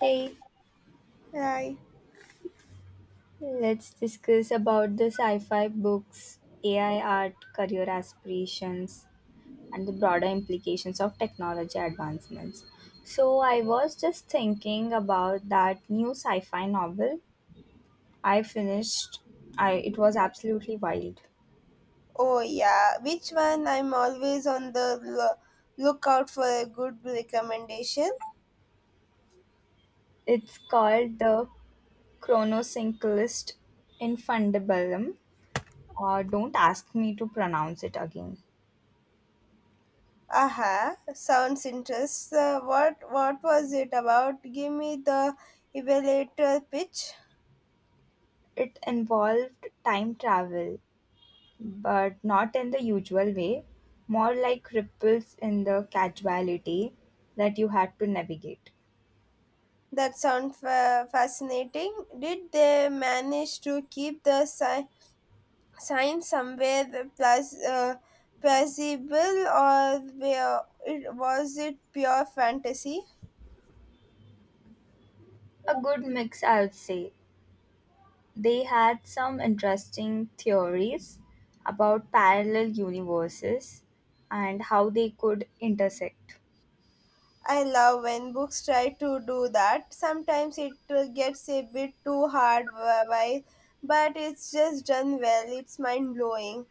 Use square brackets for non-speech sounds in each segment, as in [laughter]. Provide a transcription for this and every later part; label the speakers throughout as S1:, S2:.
S1: Hey,
S2: Right.
S1: let's discuss about the sci-fi books, AI art, career aspirations, and the broader implications of technology advancements. So, I was just thinking about that new sci-fi novel I finished. I It was absolutely wild.
S2: Oh yeah, which one? I'm always on the lookout for a good recommendation.
S1: It's called The Chronosynclist Infundibulum, or don't ask me to pronounce it again.
S2: Aha, sounds interesting. What was it about? Give me the evaluator pitch.
S1: It involved time travel but not in the usual way, more like ripples in the casuality that you had to navigate.
S2: That sounds fascinating. Did they manage to keep the science somewhere plus plausible, or was it pure fantasy?
S1: A good mix, I would say. They had some interesting theories about parallel universes and how they could intersect.
S2: I love when books try to do that. Sometimes it gets a bit too hard, but it's just done well. It's mind blowing.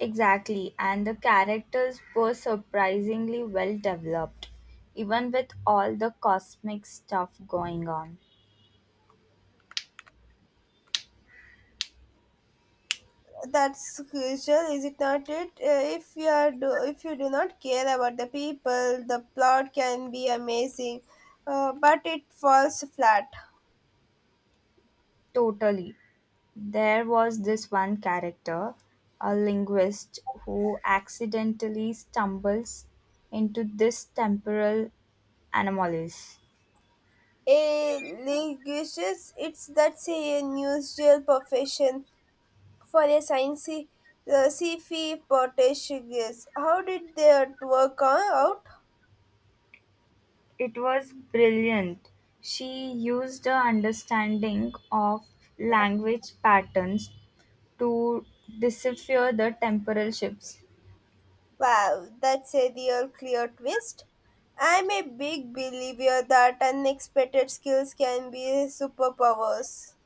S1: Exactly, and the characters were surprisingly well developed, even with all the cosmic stuff going on.
S2: That's crucial, is it not? It if you are do, if you do not care about the people, the plot can be amazing, but it falls flat.
S1: Totally. There was this one character, a linguist, who accidentally stumbles into this temporal anomalies.
S2: A linguist, it's that's a unusual profession. For a science CFE Portuguese. How did that work out?
S1: It was brilliant. She used her understanding of language patterns to decipher the temporal shifts.
S2: Wow, that's a real clear twist. I'm a big believer that unexpected skills can be superpowers.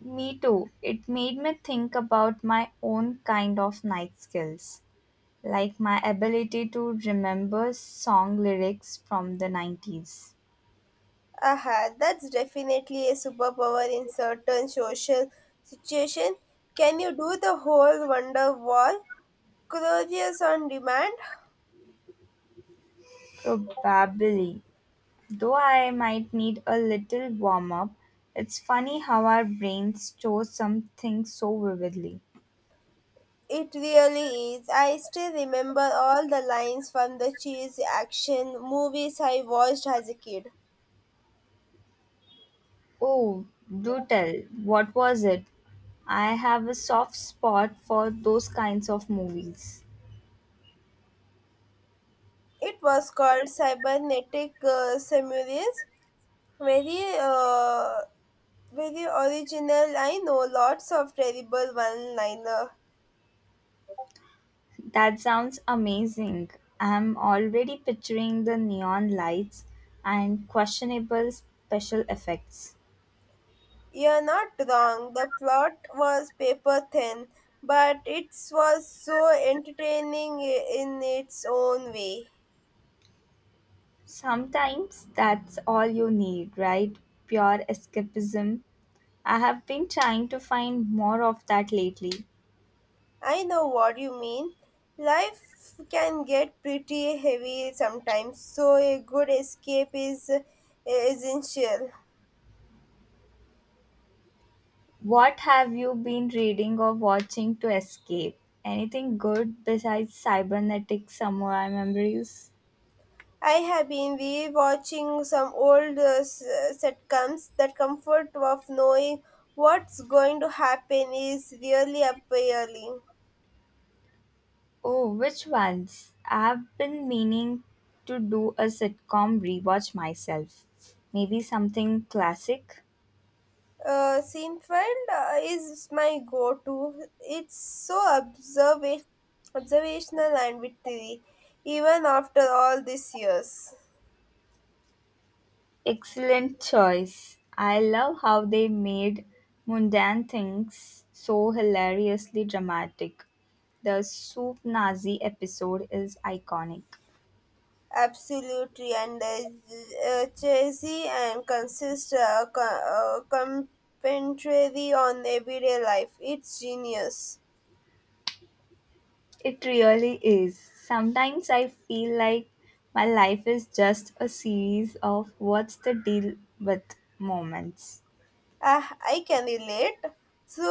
S1: Me too. It made me think about my own kind of night skills, like my ability to remember song lyrics from the 90s.
S2: Aha, that's definitely a superpower in certain social situation. Can you do the whole wonder wall? Curious on demand?
S1: Probably. Though I might need a little warm up, it's funny how our brains store something so vividly.
S2: It really is. I still remember all the lines from the cheesy action movies I watched as a kid.
S1: Oh, do tell, what was it? I have a soft spot for those kinds of movies.
S2: It was called Cybernetic Samurais. Very, uh, very original. I know lots of terrible one-liner.
S1: That sounds amazing. I'm already picturing the neon lights and questionable special effects.
S2: You're not wrong. The plot was paper thin, but it was so entertaining in its own way.
S1: Sometimes that's all you need, right? Pure escapism. I have been trying to find more of that lately.
S2: I know what you mean. Life can get pretty heavy sometimes, so a good escape is essential.
S1: What have you been reading or watching to escape? Anything good besides cybernetic samurai memories?
S2: I have been rewatching some old sitcoms. The comfort of knowing what's going to happen is really appealing.
S1: Oh, which ones? I have been meaning to do a sitcom rewatch myself. Maybe something classic?
S2: Seinfeld is my go-to. It's so observational and witty, even after all these years.
S1: Excellent choice. I love how they made mundane things so hilariously dramatic. The soup Nazi episode is iconic.
S2: Absolutely, and cheesy and commentary on everyday life. It's genius.
S1: It really is. Sometimes I feel like my life is just a series of what's the deal with moments.
S2: Ah, I can relate. So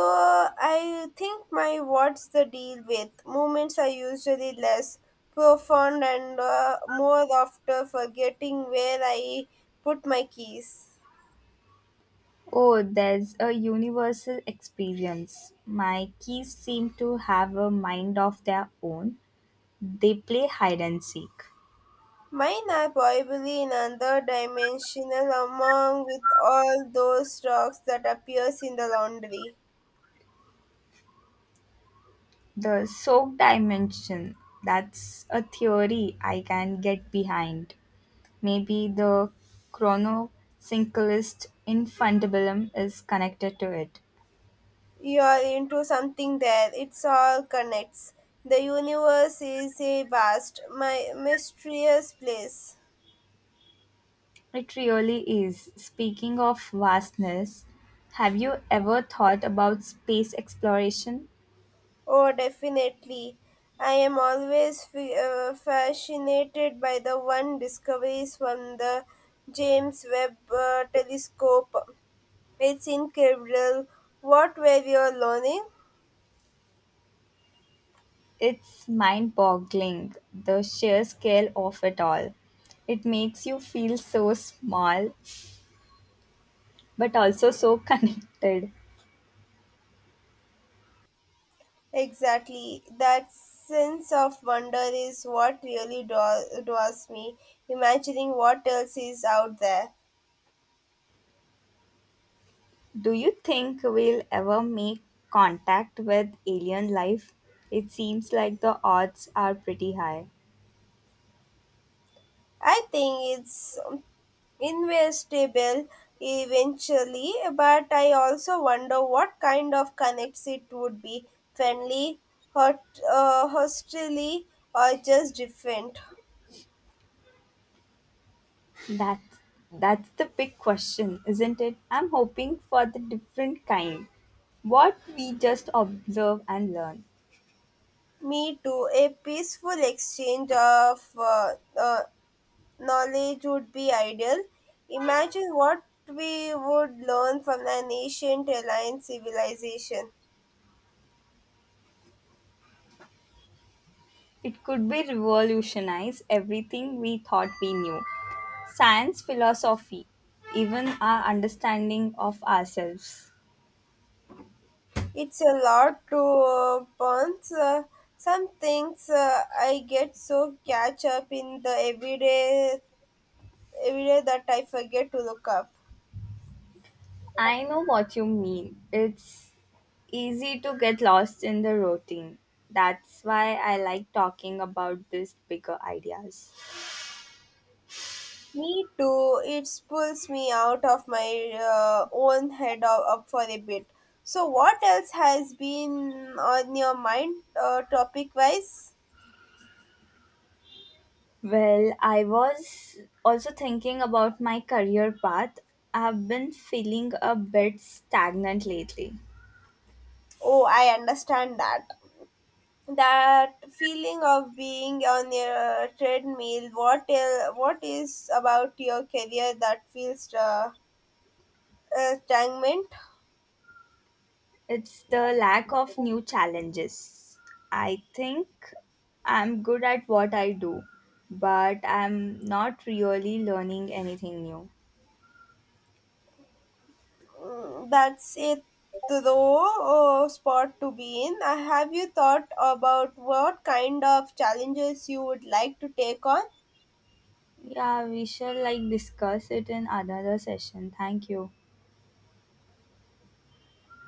S2: I think my what's the deal with moments are usually less profound and more after forgetting where I put my keys.
S1: Oh, there's a universal experience. My keys seem to have a mind of their own. They play hide and seek.
S2: Mine are probably in another dimensional among with all those rocks that appears in the laundry.
S1: The soak dimension, that's a theory I can get behind. Maybe the chronosynclist infundibulum is connected to it.
S2: You are into something there. It's all connects. The universe is a vast, my mysterious place.
S1: It really is. Speaking of vastness, have you ever thought about space exploration?
S2: Oh, definitely. I am always fascinated by the one discoveries from the James Webb Telescope. It's incredible. What were you learning?
S1: It's mind boggling, the sheer scale of it all. It makes you feel so small, but also so [laughs] connected.
S2: Exactly. That sense of wonder is what really draws me, imagining what else is out there.
S1: Do you think we'll ever make contact with alien life? It seems like the odds are pretty high.
S2: I think it's investable eventually, but I also wonder what kind of connects it would be friendly, hot, hostily, or just different.
S1: That's that's the big question, isn't it? I'm hoping for the different kind. What we just observe and learn.
S2: Me too, a peaceful exchange of knowledge would be ideal. Imagine what we would learn from an ancient alien civilization.
S1: It could be revolutionize everything we thought we knew. Science, philosophy, even our understanding of ourselves.
S2: It's a lot to burn. So some things I get so catch up in the everyday that I forget to look up.
S1: I know what you mean. It's easy to get lost in the routine. That's why I like talking about these bigger ideas.
S2: Me too. It pulls me out of my own head up for a bit. So, what else has been on your mind, topic wise?
S1: Well, I was also thinking about my career path. I've been feeling a bit stagnant lately.
S2: Oh, I understand that. That feeling of being on a treadmill. What is about your career that feels stagnant?
S1: It's the lack of new challenges. I think I'm good at what I do, but I'm not really learning anything new.
S2: Mm, that's it, though. Spot to be in. Have you thought about what kind of challenges you would like to take on?
S1: Yeah, we shall like discuss it in another session. Thank you.